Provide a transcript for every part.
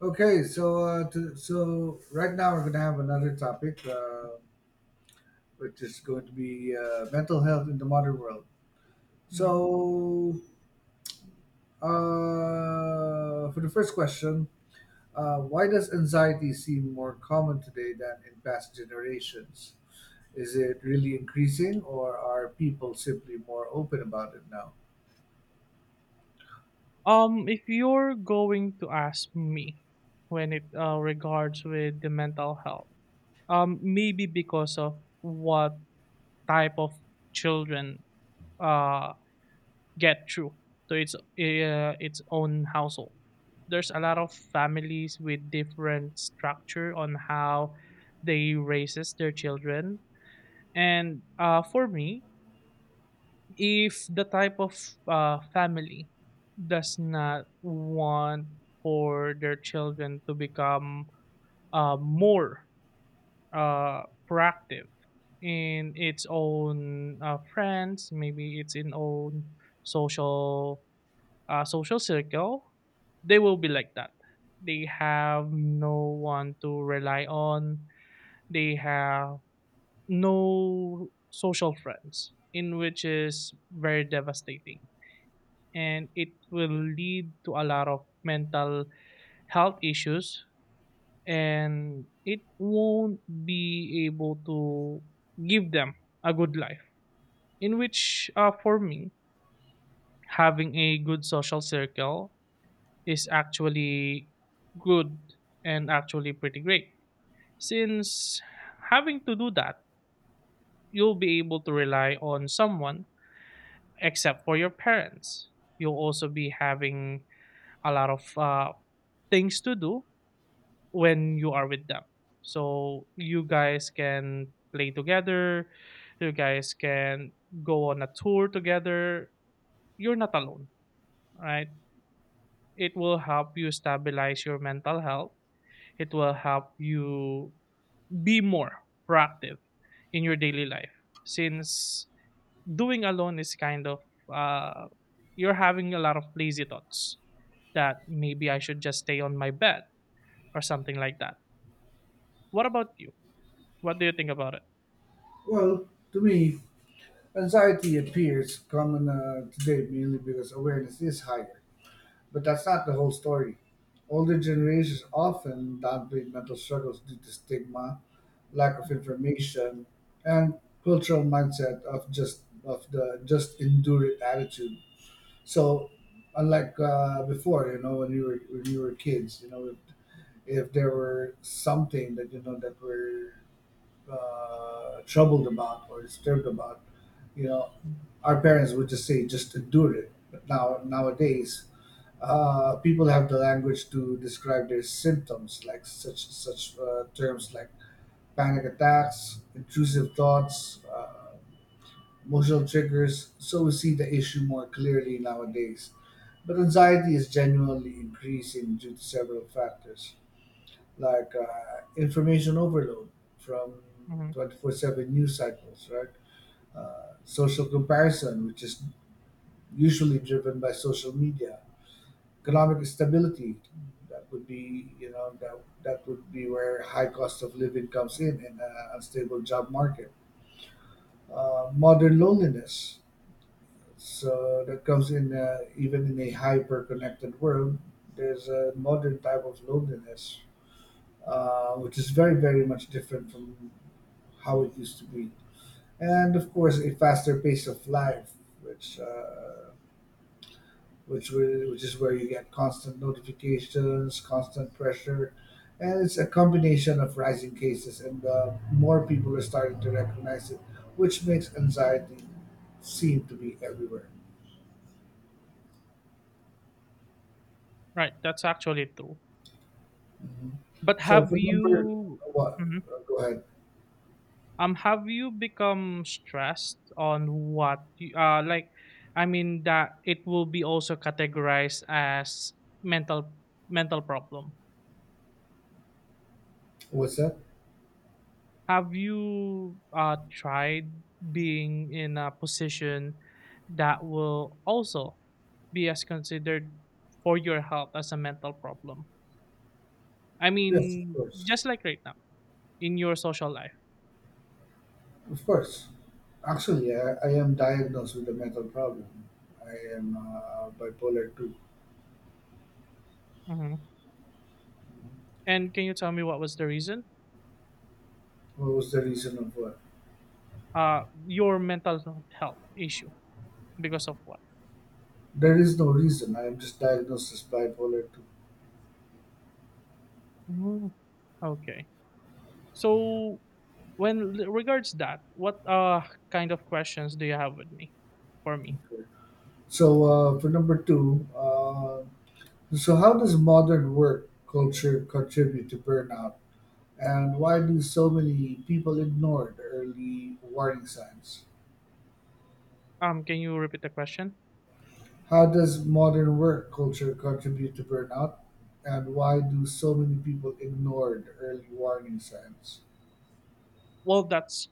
So right now we're going to have another topic, which is going to be mental health in the modern world. Mhm. So, for the first question, why does anxiety seem more common today than in past generations? Is it really increasing, or are people simply more open about it now? If you're going to ask me when it regards with the mental health, maybe because of what type of children uh get through to its own household. There's a lot of families with different structure on how they raises their children, and for me, if the type of family does not want for their children to become more uh, proactive in its own friends, maybe its in own social social circle, they will be like that. They have no one to rely on. They have no social friends, in which is very devastating and it will lead to a lot of mental health issues and it won't be able to give them a good life in which for me having a good social circle is actually good and actually pretty great since having to do that you'll be able to rely on someone except for your parents you'll also be having a lot of things to do when you are with them. So you guys can play together, you guys can go on a tour together. You're not alone, right? It will help you stabilize your mental health. It will help you be more proactive in your daily life since doing alone is kind of uh, you're having a lot of lazy thoughts that maybe I should just stay on my bed or something like that. What about you? What do you think about it? Well, to me, anxiety appears common today mainly because awareness is higher. But that's not the whole story. Older generations often downplay mental struggles due to stigma, lack of information, and cultural mindset of just of the just endure it attitude. So, unlike before, you know, when you were kids, you know, if there were something that you know that we're troubled about or disturbed about, you know, our parents would just say just endure it. But now nowadays, people have the language to describe their symptoms, like such terms like panic attacks, intrusive thoughts, emotional triggers. So we see the issue more clearly nowadays. But anxiety is genuinely increasing due to several factors, like information overload from Mhm. 24/7 news cycles, right? Social comparison, which is usually driven by social media, economic stability. That would be, you know, that would be where high cost of living comes in and unstable job market. Modern loneliness. So that comes in even in a hyper-connected world. There's a modern type of loneliness, which is very, very much different from how it used to be. And of course, a faster pace of life, which uh, which is where you get constant notifications, constant pressure, and it's a combination of rising cases and more people are starting to recognize it, which makes anxiety seem to be everywhere. Right, that's actually true. Mhm. But So have for number you what? Mhm. Go ahead. Have you become stressed on what you, like I mean that it will be also categorized as mental mental problem. What's that? Have you tried being in a position that will also be as considered for your health as a mental problem? I Yes, of mean, course, just like right now in your social life. of course. Actually, I am diagnosed with a mental problem. I am bipolar two. Mm-hmm. And can you tell me what was the reason? What was the reason of what? Your mental health issue because of what? There is no reason. I am just diagnosed as bipolar. Mm. Okay. So when regards that, what kind of questions do you have with me for me? So for number two, so how does modern work culture contribute to burnout, and why do so many people ignore the early warning signs? Can you repeat the question? How does modern work culture contribute to burnout, and why do so many people ignore the early warning signs? Well, that's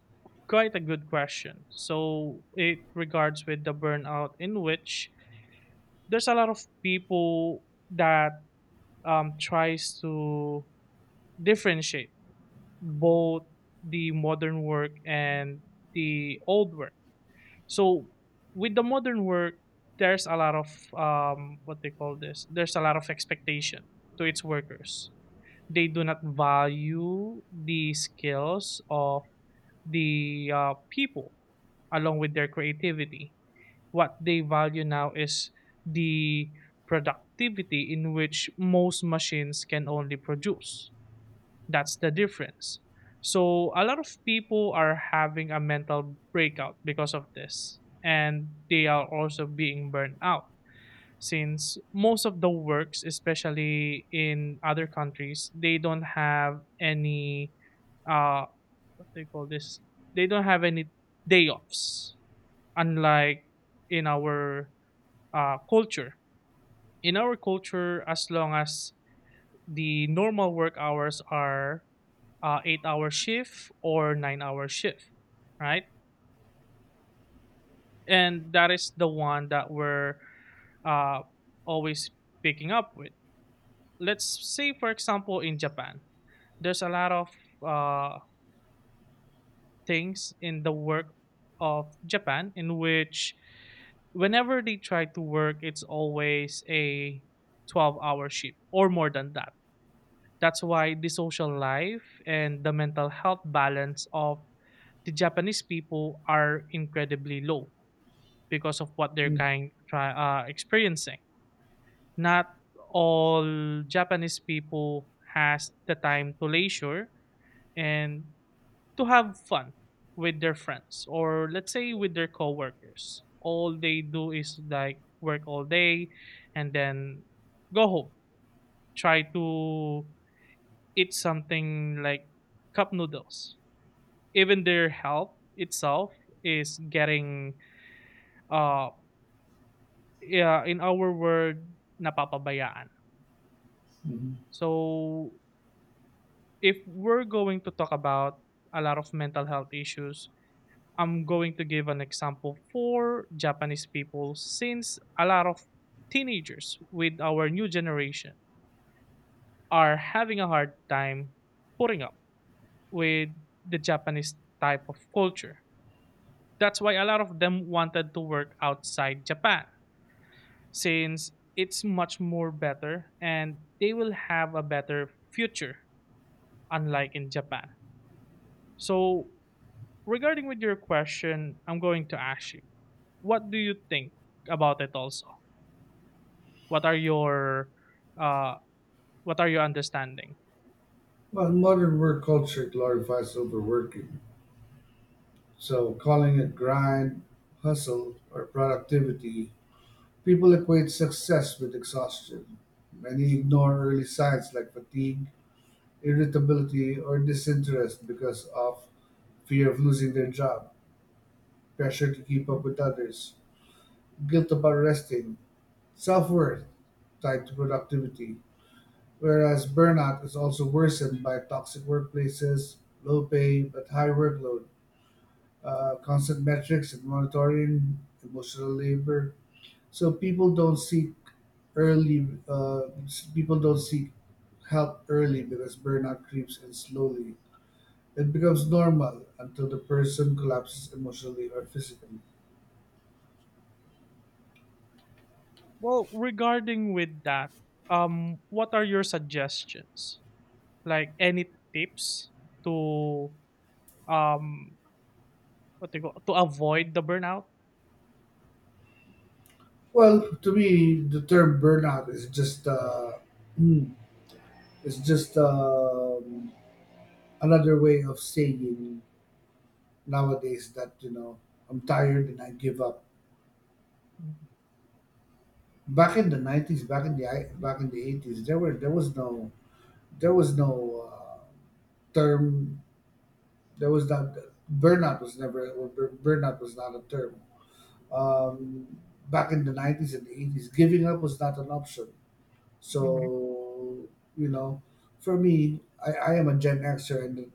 quite a good question. So it regards with the burnout in which there's a lot of people that tries to differentiate both the modern work and the old work. So with the modern work, there's a lot of what they call this. There's a lot of expectation to its workers. They do not value the skills of the people along with their creativity. What they value now is the productivity in which most machines can only produce. That's the difference. So a lot of people are having a mental breakout because of this, and they are also being burned out since most of the works, especially in other countries, they don't have any uh what they call this. They don't have any day offs, unlike in our culture. In our culture, as long as the normal work hours are 8-hour shift or 9-hour shift, right? And that is the one that we're uh, always picking up with. Let's say, for example, in Japan, there's a lot of uh, things in the work of Japan in which whenever they try to work, it's always a 12-hour shift or more than that. That's why the social life and the mental health balance of the Japanese people are incredibly low because of what they're kind try, experiencing. Not all Japanese people has the time to leisure and to have fun with their friends or let's say with their coworkers. All they do is like work all day and then go home. Try to eat something like cup noodles. Even their health itself is getting uh yeah, in our word napapabayaan. Mhm. So if we're going to talk about a lot of mental health issues, I'm going to give an example for Japanese people since a lot of teenagers with our new generation are having a hard time putting up with the Japanese type of culture. That's why a lot of them wanted to work outside Japan since it's much more better and they will have a better future unlike in Japan. So, regarding with your question, I'm going to ask you, what do you think about it also? What are your uh what are your understanding? Well, modern work culture glorifies overworking, so calling it grind, hustle, or productivity. People equate success with exhaustion. Many ignore early signs like fatigue, irritability, or disinterest because of fear of losing their job, pressure to keep up with others, guilt about resting, self worth tied to productivity. Whereas burnout is also worsened by toxic workplaces, low pay but high workload, constant metrics and monitoring, emotional labor. So early uh, people don't seek help early because burnout creeps in slowly. It becomes normal until the person collapses emotionally or physically. Well, regarding with that, what are your suggestions? Like any tips to um what they you call to avoid the burnout. Well, to me, the term burnout is just mm, it's just another way of saying nowadays that you know I'm tired and I give up. Mhm, Back in the 90s, back in the 80s, there were there was no term There was not burnout was never well, bur- burnout was not a term. Um, Back in the 90s and the 80s, giving up was not an option. mhm, So you know, for me, I am a Gen Xer, and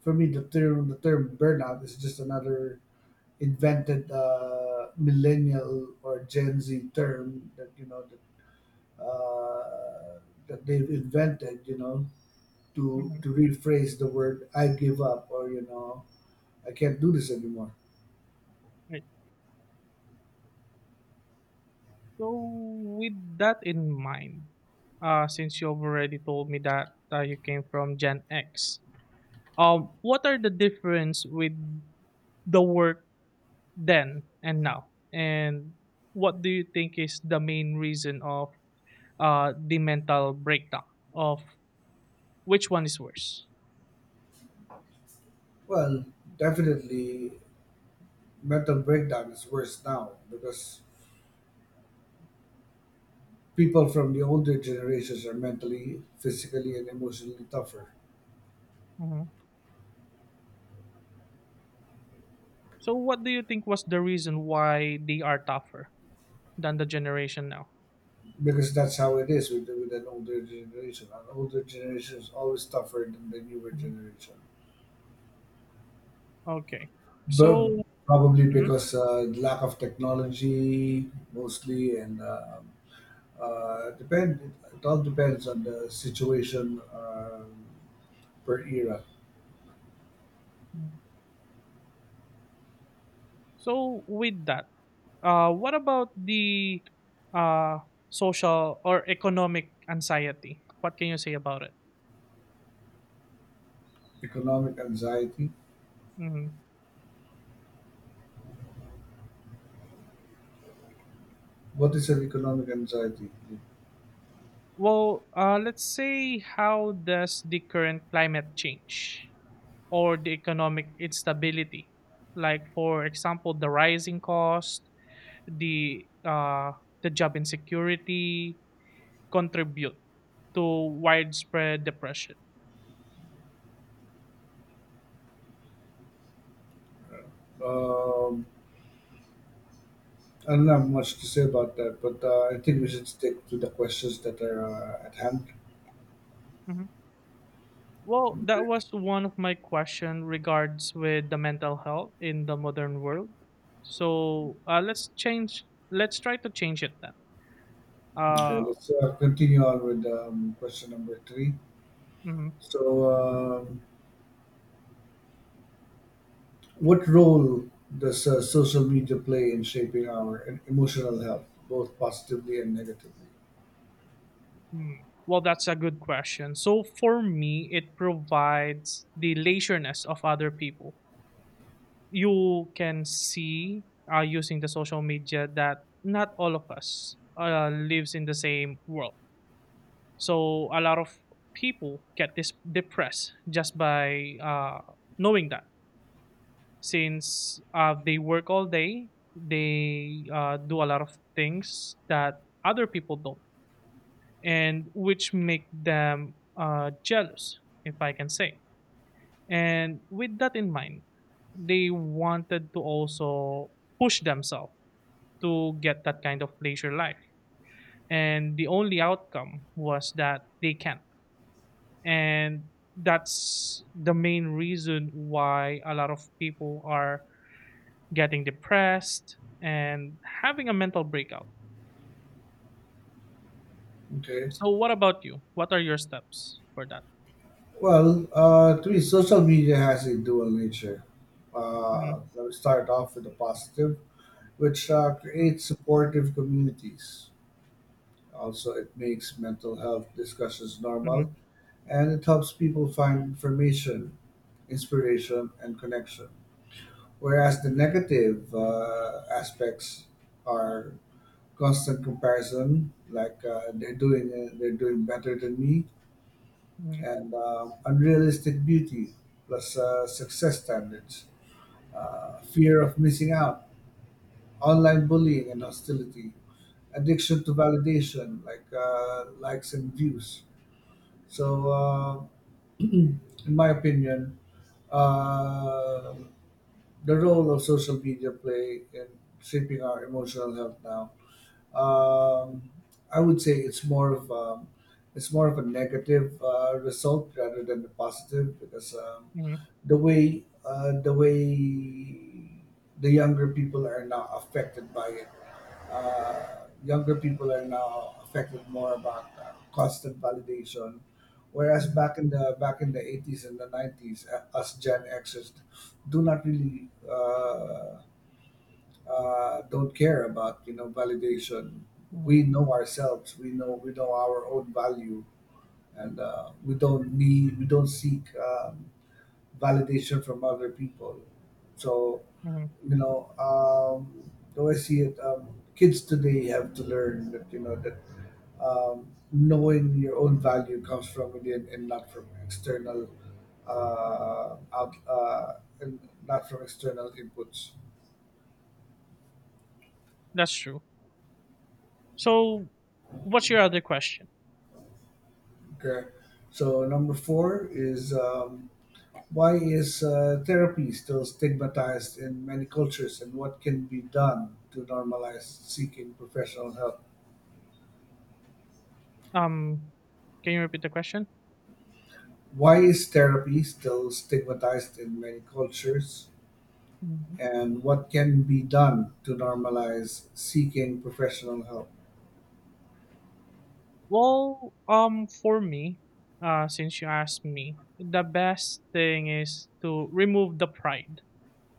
for me, the term burnout is just another invented millennial or Gen Z term that you know that, that they've invented. You know, to mhm. to rephrase the word "I give up" or you know. I can't do this anymore. Right. So with that in mind, since you already told me that you came from Gen X, what are the difference with the work then and now, and what do you think is the main reason of the mental breakdown of which one is worse? Well, definitely, mental breakdown is worse now because people from the older generations are mentally, physically, and emotionally tougher. Mhm. So what do you think was the reason why they are tougher than the generation now? Because that's how it is with an older generation. An older generation is always tougher than the newer generation. Okay. But So, probably Mhm. because lack of technology, mostly, and depend. It all depends on the situation per era. Mm. So with that, what about the uh, social or economic anxiety? What can you say about it? Economic anxiety. Mhm. What is an economic anxiety? Well, let's say how does the current climate change or the economic instability, like for example, the rising cost, the uh, the job insecurity, contribute to widespread depression? Um, I don't have much to say about that, but I think we Mhm. should stick to the questions that are at hand. Well, Okay, that was one of my question regards with the mental health in the modern world. So let's change. Let's try to change it then. okay Uh, let's continue on with question number three. mm, So, what role does social media play in shaping our emotional health, both positively and negatively? mm. Well, that's a good question. So for me, it provides the leisureness of other people. You can see using the social media that not all of us lives in the same world. So a lot of people get this depressed just by knowing that, since they work all day, they do a lot of things that other people don't, and which make them jealous, if I can say. And with that in mind, they wanted to also push themselves to get that kind of leisure life, and the only outcome was that they can't and that's the main reason why a lot of people are getting depressed and having a mental breakout. Okay. So, what about you? What are your steps for that? Well, to me, social media has a dual nature. Mhm, Let me start off with the positive, which mhm, creates supportive communities. Also, it makes mental health discussions normal mhm, and it helps people find information, inspiration, and connection. Whereas the negative aspects are constant comparison, like they're doing better than me, mhm, and unrealistic beauty plus success standards, fear of missing out, online bullying, and hostility addiction to validation, like likes and views. So, in my opinion, uh, the role of social media play in shaping our emotional health now. Um, I would say it's more of a negative result rather than a positive because mhm, the way the younger people are now affected by it. Younger people are now affected more about constant validation, whereas mhm, back in the 80s and the 90s, us Gen Xers do not really don't care about you know validation. mhm, We know ourselves. We know our own value, and we don't seek. Validation from other people. So, mhm. you know, the way I see it, kids today have to learn that, you know, that knowing your own value comes from within and not from external out and not from external inputs. That's true. So, what's your other question? Okay. So number four is why is therapy still stigmatized in many cultures, and what can be done to normalize seeking professional help? Um, can you repeat the question? Why is therapy still stigmatized in many cultures? Mhm. And what can be done to normalize seeking professional help? Well, for me, since you asked me, the best thing is to remove the pride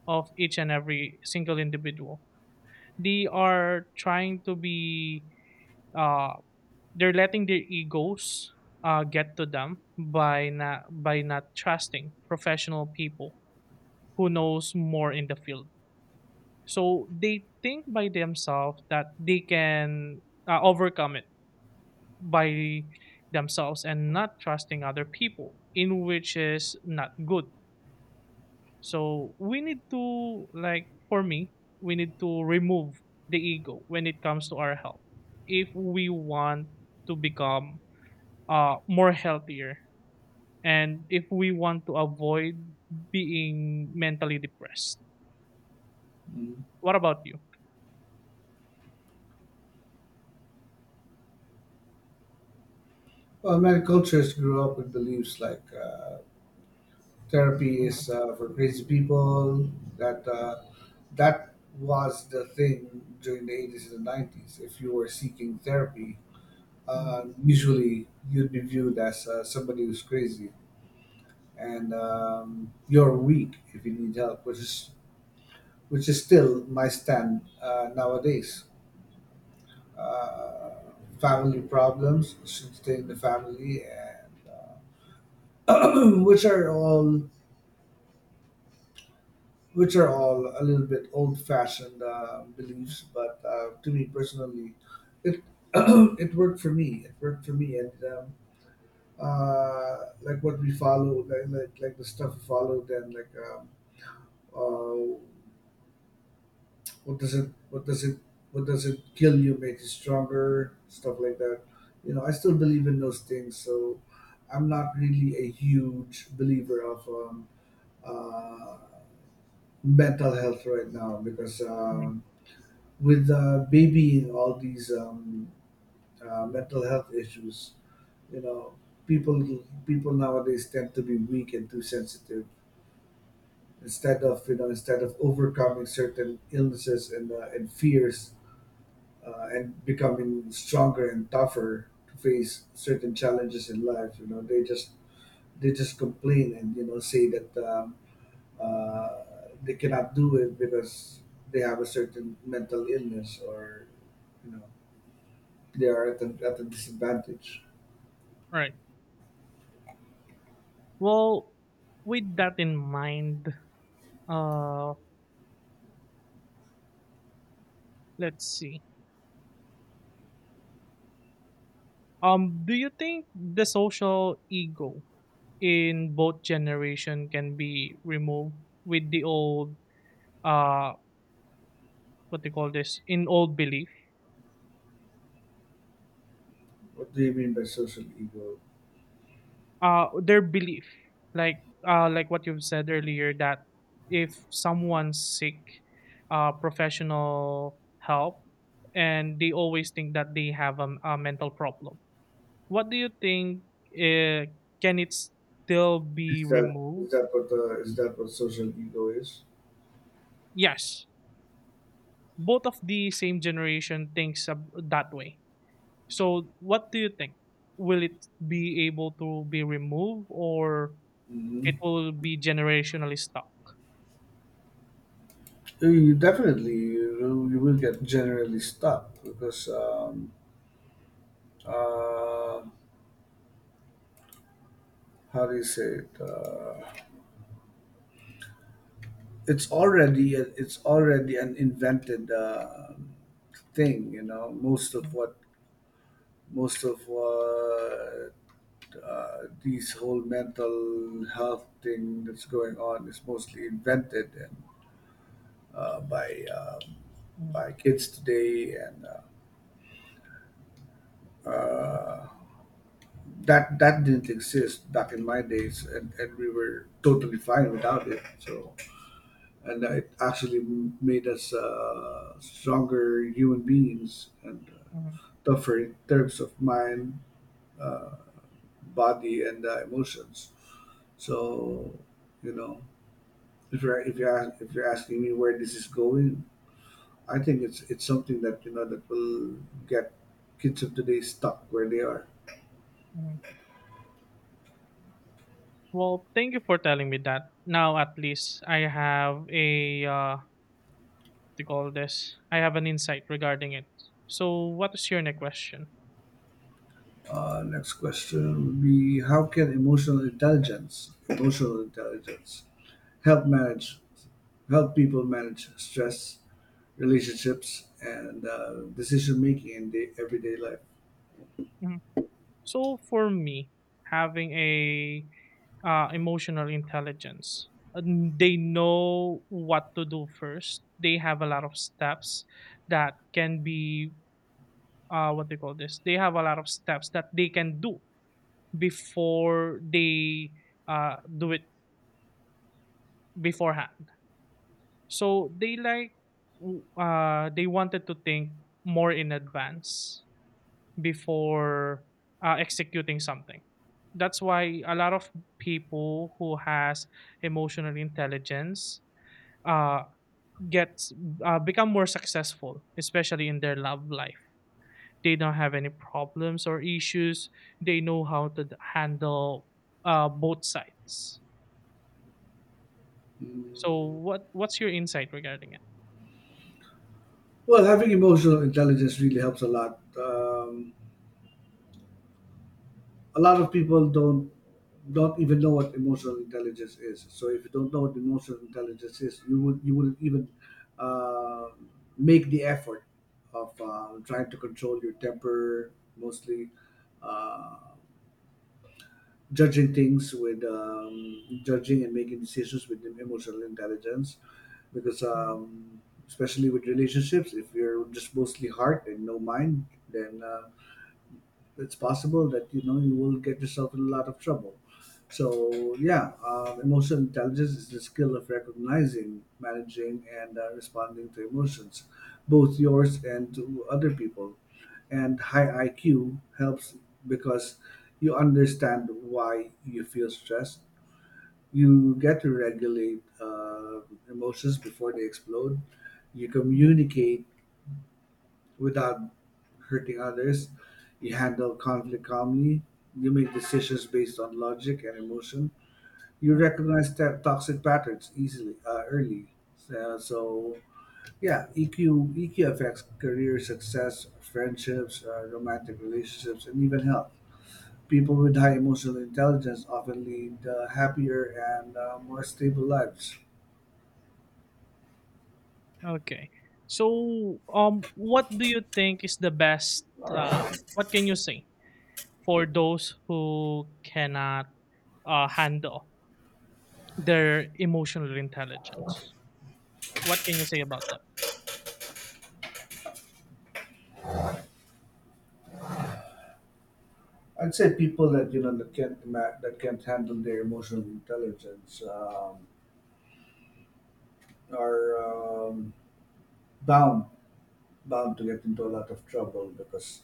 of each and every single individual. They are trying to be uh they're letting their egos get to them by not trusting professional people who knows more in the field. So they think by themselves that they can overcome it by themselves and not trusting other people in which is not good. So we need to like for me, we need to remove the ego when it comes to our health. If we want to become more healthier and if we want to avoid being mentally depressed. Mm. What about you? Well, many cultures grew up with beliefs like therapy Mhm, is for crazy people. That uh, that was the thing during the 80s and the 90s. If you were seeking therapy, mhm, usually you'd be viewed as somebody who's crazy and you're weak if you need help, which is still my stand nowadays. Uh, Family problems should stay in the family, and uh, which are all which are all a little bit old-fashioned mhm, beliefs. But to me personally, it it worked for me. It worked for me, and like what we follow, like the stuff we follow, then like. Uh, what does it what does it what does it kill you make you stronger stuff like that, you know, I still believe in those things. So I'm not really a huge believer of uh, mental health right now because mhm. With babying all these mental health issues, you know, people people nowadays tend to be weak and too sensitive instead of you know instead of overcoming certain illnesses and fears, and becoming stronger and tougher to face certain challenges in life. You know, they just complain and you know say that uh, they cannot do it because they have a certain mental illness or you know they are at at a disadvantage. All right. Well, with that in mind, uh let's see. Do you think the social ego in both generation can be removed with the old uh what they call this in old belief What do you mean by social ego? Their belief like like what you've said earlier that if someone sick, professional help and they always think that they have a mental problem, what do you think, uh, can it still be Is that is removed? that what uh, is that what social ego is? Yes, both of the same generation thinks that way. So what do you think? Will it be able to be removed or Hmm. it will be generationally stuck? You definitely you will get generally stuck because uh, how do you say it? It's already it's already an invented thing. You know, Mhm, most of what uh, these whole mental health thing that's going on is mostly invented and uh, by um, mhm, by kids today and. Uh, that that didn't exist back in my days, and we were totally fine without it. So and it actually made us stronger human beings and mhm, tougher in terms of mind, uh, body, and emotions. So, you know, if you're asking me where this is going, I think it's something that you know that will get kids of today stuck where they are. mhm. Well, thank you for telling me that. Now at least I have a what do you call this? I have an insight regarding it. So what is your next question? Next question would be: How can emotional intelligence, help manage help people manage stress, relationships, and decision making in everyday life. So for me, having a emotional intelligence, and they know what to do first. They have a lot of steps that can be what they call this. They have a lot of steps that they can do before they do it beforehand. So they wanted to think more in advance before executing something. That's why a lot of people who has emotional intelligence uh gets become more successful especially in their love life. They don't have any problems or issues. They know how to handle both sides. So Mm. what's your insight regarding it? Well, having emotional intelligence really helps a lot. A lot of people don't even know what emotional intelligence is. So if you don't know what emotional intelligence is, you wouldn't even uh, make the effort of trying to control your temper mostly. Uh, Judging things with judging and making decisions with emotional intelligence because Mhm, um, especially with relationships, if you're just mostly heart and no mind, then it's possible that you know you will get yourself in a lot of trouble. So yeah, emotional intelligence is the skill of recognizing, managing, and responding to emotions, both yours and to other people. And high IQ helps because you understand why you feel stressed. You get to regulate emotions before they explode. You mhm, communicate without hurting others. You handle conflict calmly. You make decisions based on logic and emotion. You recognize toxic patterns easily, early. So, yeah, EQ affects career success, friendships, romantic relationships, and even health. People with high emotional intelligence often lead happier and more stable lives. mhm. Okay, so what do you think is the best, uh what can you say for those who cannot handle their emotional intelligence. What can you say about that? I'd say people that you know that can't ma- that can't handle their emotional intelligence. Are um, bound bound to get into a lot of trouble because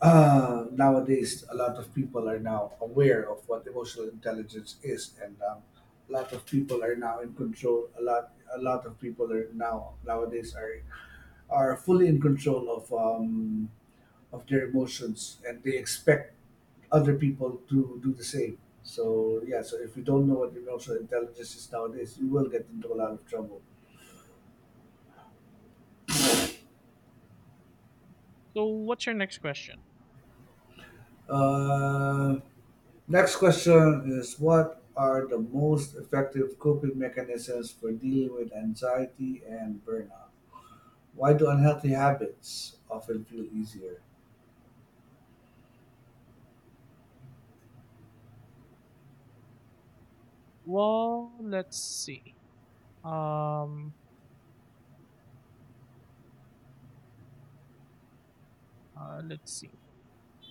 nowadays a lot of people are now aware of what emotional intelligence is, and a lot of people are now in control. A lot of people are now nowadays are fully in control of of their emotions, and they expect other people to do the same. So yeah, so if you don't know what emotional intelligence is nowadays, you will get into a lot of trouble. So, what's your next question? Uh, Next question is: what are the most effective coping mechanisms for dealing with anxiety and burnout? Why do unhealthy habits often feel easier? Well, Um, let's see.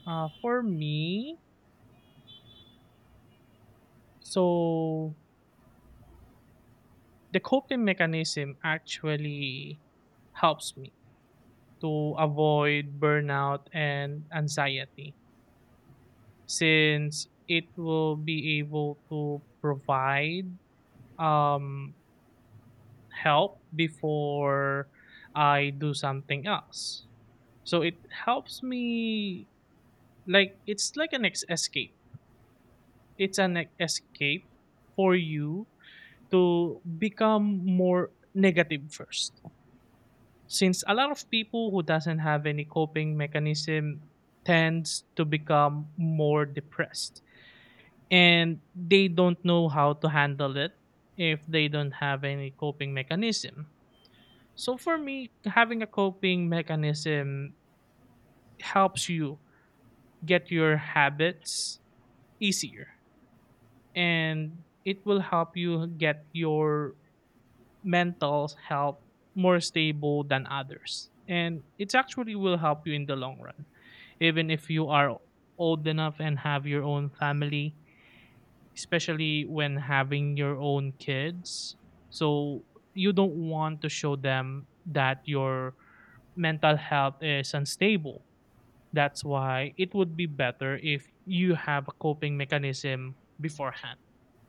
For me, so the coping mechanism actually helps me to avoid burnout and anxiety since it will be able to provide um help before I do something else. So it helps me like it's like an escape. It's an escape for you to become more negative first. Since a lot of people who doesn't have any coping mechanism tends to become more depressed and they don't know how to handle it if they don't have any coping mechanism. So for me, having a coping mechanism helps you get your habits easier, and it will help you get your mental health more stable than others. And it actually will help you in the long run. Even if you are old enough and have your own family, especially when having your own kids. So you don't want to show them that your mental health is unstable. That's why it would be better if you have a coping mechanism beforehand.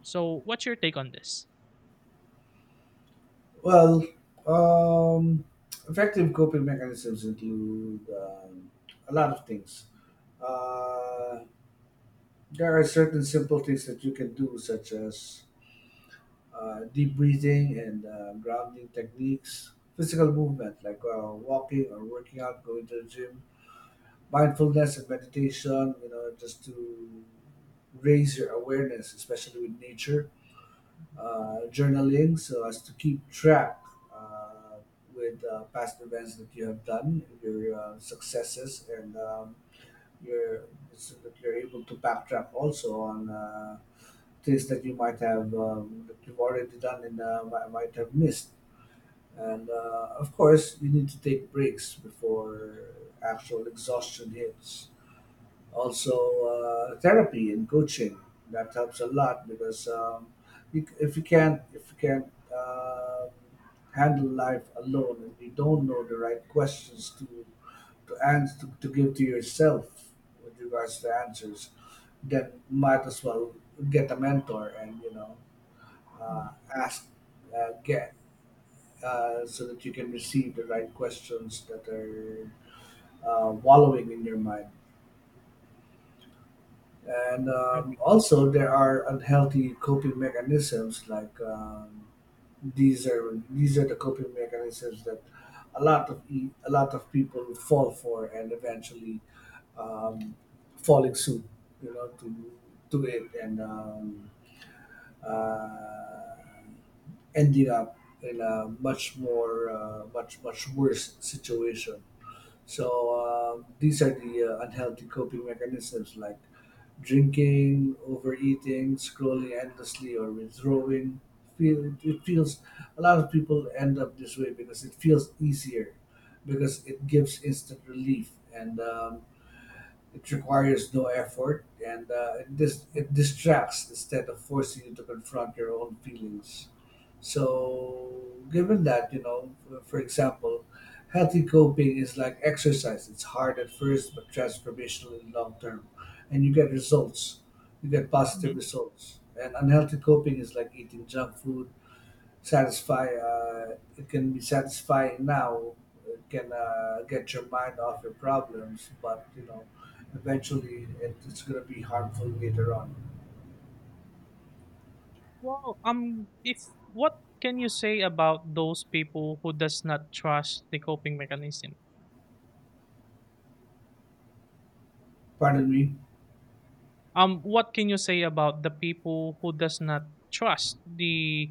So, what's your take on this? Well, um, effective coping mechanisms include a lot of things. Uh, there are certain simple things that you can do, such as deep breathing and grounding techniques, physical movement like walking or working out, going to the gym, mindfulness and meditation, you know, just to raise your awareness, especially with nature. Journaling, so as to keep track uh, with past events that you have done, your successes, and your, so that you're able to backtrack also on things that you might have that you've already done and might have missed. And of course, you need to take breaks before actual exhaustion hits. Also, therapy and coaching that helps a lot because you, if you can't um handle life alone and you don't know the right questions to answer to give to yourself with regards to answers, then might as well get a mentor and, you know, Mhm. ask, get, so that you can receive the right questions that are wallowing in your mind. And Okay. um, also, there are unhealthy coping mechanisms like these are the coping mechanisms that a lot of people fall for and eventually um, falling suit, you know, to it and uh, ending up in a much more much much worse situation. So these are the unhealthy coping mechanisms like drinking, overeating, scrolling endlessly, or withdrawing. Feel it feels a lot of people end up this way because it feels easier, because it gives instant relief, and it requires no effort and it, it distracts instead of forcing you to confront your own feelings. So, given that, you know, for example, healthy coping is like exercise. It's hard at first, but transformational in long term. And you get results, you get positive Mhm. results. And unhealthy coping is like eating junk food, satisfy. It can be satisfying now. It can get your mind off your problems, but you know, eventually it's going to be harmful later on. Well, if what can you say about those people who does not trust the coping mechanism? Pardon me. What can you say about the people who does not trust the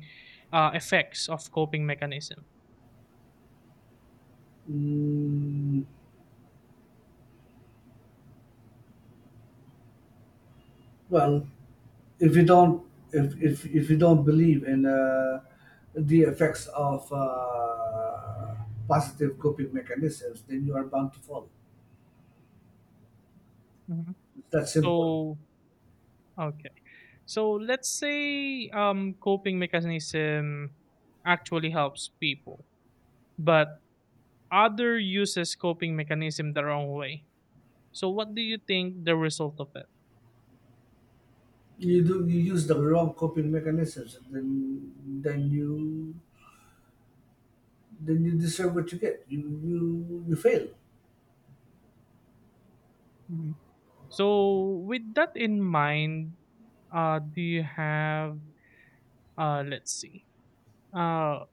effects of coping mechanism? Mm, well, if you don't believe in the effects of positive coping mechanisms, then you are bound to fall. Hmm. It's that simple. So okay. So let's say coping mechanism actually helps people, but other uses coping mechanism the wrong way. So what do you think the result of it? You use the wrong coping mechanisms, and then you deserve what you get. You fail. Hmm. So with that in mind, do you have let's see. Uh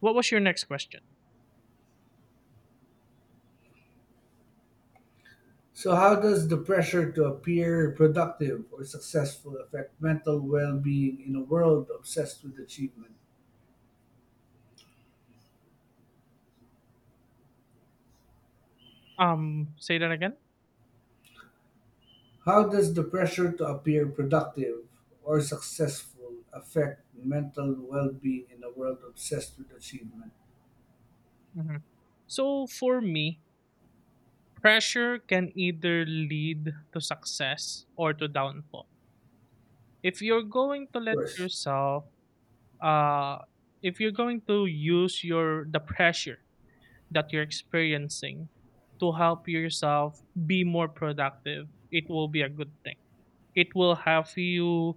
what was your next question? So how does the pressure to appear productive or successful affect mental well-being in a world obsessed with achievement? Say that again. How does the pressure to appear productive or successful affect mental well-being in a world obsessed with achievement? Hmm. So for me, pressure can either lead to success or to downfall. If you're going to let First, yourself, uh, if you're going to use your the pressure that you're experiencing to help yourself be more productive, it will be a good thing. It will help you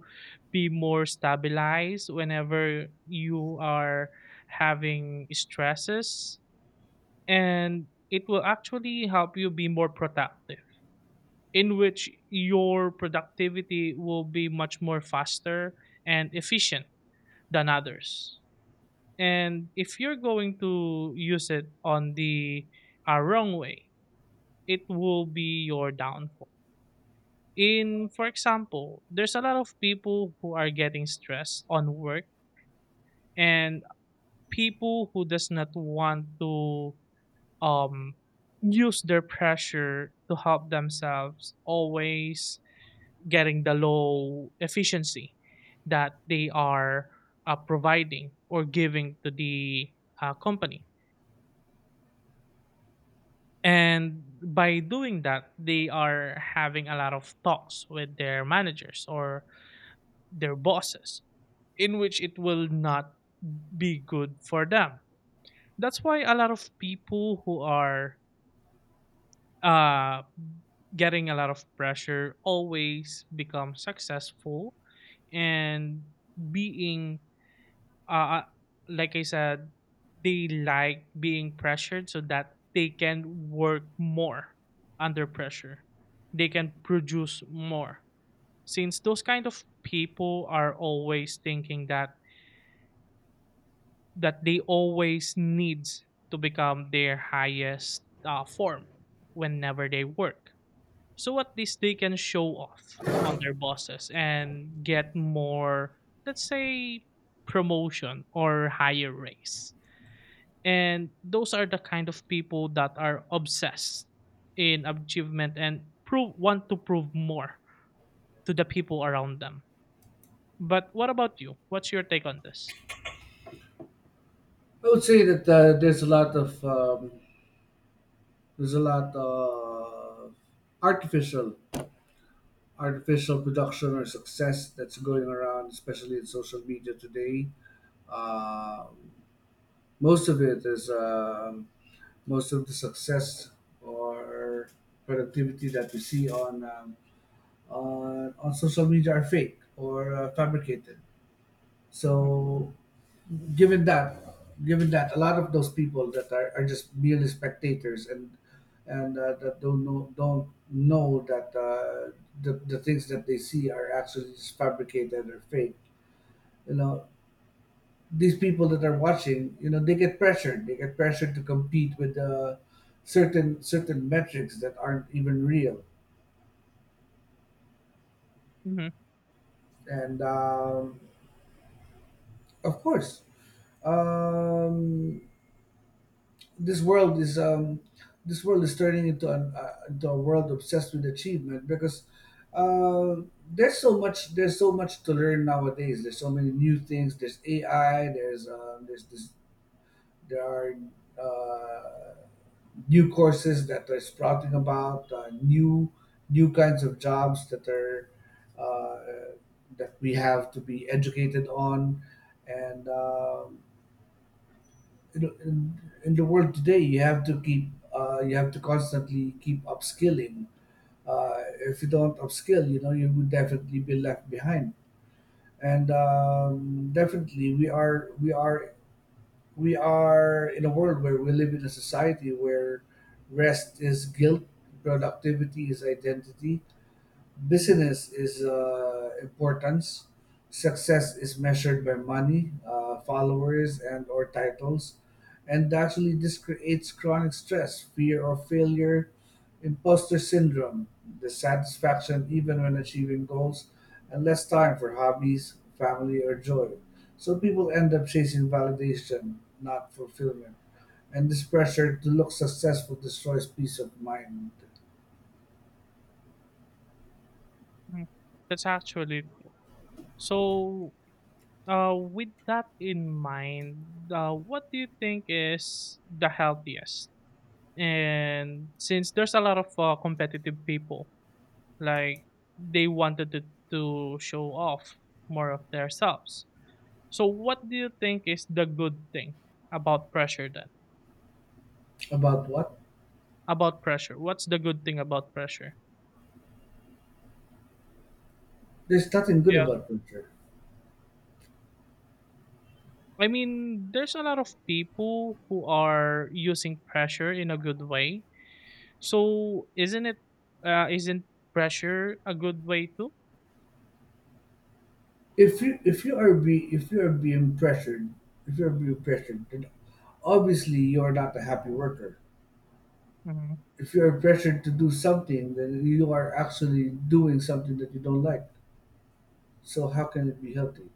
be more stabilized whenever you are having stresses, and it will actually help you be more productive, in which your productivity will be much more faster and efficient than others. And if you're going to use it on the wrong way, it will be your downfall. In for example, there's a lot of people who are getting stressed on work, and people who does not want to um, use their pressure to help themselves, always getting the low efficiency that they are providing or giving to the company. And by doing that, they are having a lot of talks with their managers or their bosses, in which it will not be good for them. That's why a lot of people who are uh, getting a lot of pressure, always become successful, and being, uh, like I said, they like being pressured so that they can work more under pressure. They can produce more. Since those kind of people are always thinking that they always needs to become their highest form whenever they work. So at least they can show off on their bosses and get more, let's say, promotion or higher raise. And those are the kind of people that are obsessed in achievement and prove want to prove more to the people around them. But what about you? What's your take on this? I would say that there's a lot of there's a lot of artificial artificial production or success that's going around, especially in social media today. Uh, most of it is most of the success or productivity that we see on on social media are fake or fabricated. So, given that, given that a lot of those people are just merely spectators and and that don't know that the things that they see are actually just fabricated or fake. You know, these people that are watching, you know, they get pressured. They get pressured to compete with uh, certain metrics that aren't even real. Mm-hmm. And of course, um, this world is um, this world is turning into an into a world obsessed with achievement because uh, there's so much to learn nowadays. There's so many new things. There's AI. There's this there are uh, new courses that are sprouting about uh, new kinds of jobs that are uh, that we have to be educated on. And. You know, in the world today, you have to you have to constantly keep upskilling. Uh, if you don't upskill, you know, you would definitely be left behind. And definitely, we are in a world where we live in a society where rest is guilt, productivity is identity, Hmm. business is importance. Success is measured by money, followers, and or titles, and actually this creates chronic stress, fear of failure, imposter syndrome, dissatisfaction even when achieving goals, and less time for hobbies, family, or joy. So people end up chasing validation, not fulfillment. And this pressure to look successful destroys peace of mind. That's actually true. So. With that in mind, what do you think is the healthiest, and since there's a lot of competitive people, like they wanted to show off more of themselves, so what do you think is the good thing about pressure then? About what? About pressure, what's the good thing about pressure? There's nothing good Yeah, about pressure. I mean, there's a lot of people who are using pressure in a good way, so isn't it, isn't pressure a good way too? If you are being pressured, if you are being pressured, then obviously you are not a happy worker. If you are pressured to do something, then you are actually doing something that you don't like. So how can it be healthy?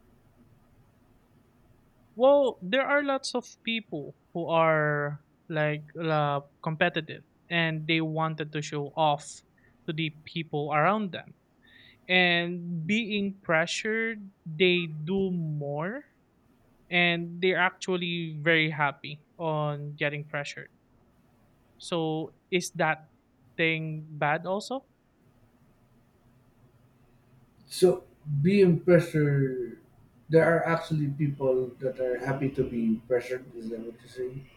Well, there are lots of people who are like competitive and they wanted to show off to the people around them. And being pressured, they do more, and they're actually very happy on getting pressured. So, is that thing bad also? So being pressured, there are actually people that are happy to be pressured. Is that what you're saying?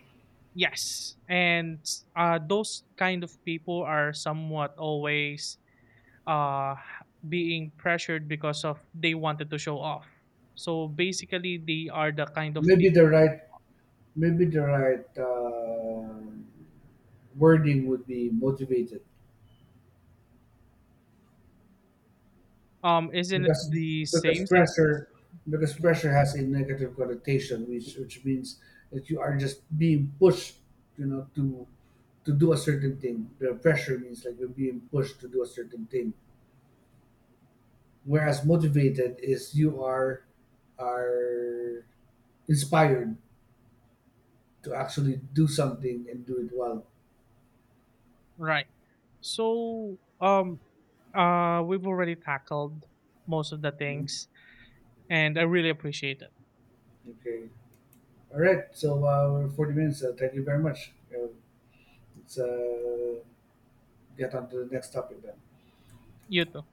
Yes. And those kind of people are somewhat always uh being pressured because of they wanted to show off. So basically they are the kind of Maybe the people. right maybe the right wording would be motivated. Isn't it because the because same since pressure, because pressure has a negative connotation, which means that you are just being pushed, you know, to do a certain thing. The pressure means like you're being pushed to do a certain thing, whereas motivated is you are inspired to actually do something and do it well. right. So we've already tackled most of the Mhm. things, and I really appreciate it. Okay, all right, so we're 40 minutes, thank you very much, uh, let's get on to the next topic then. You too.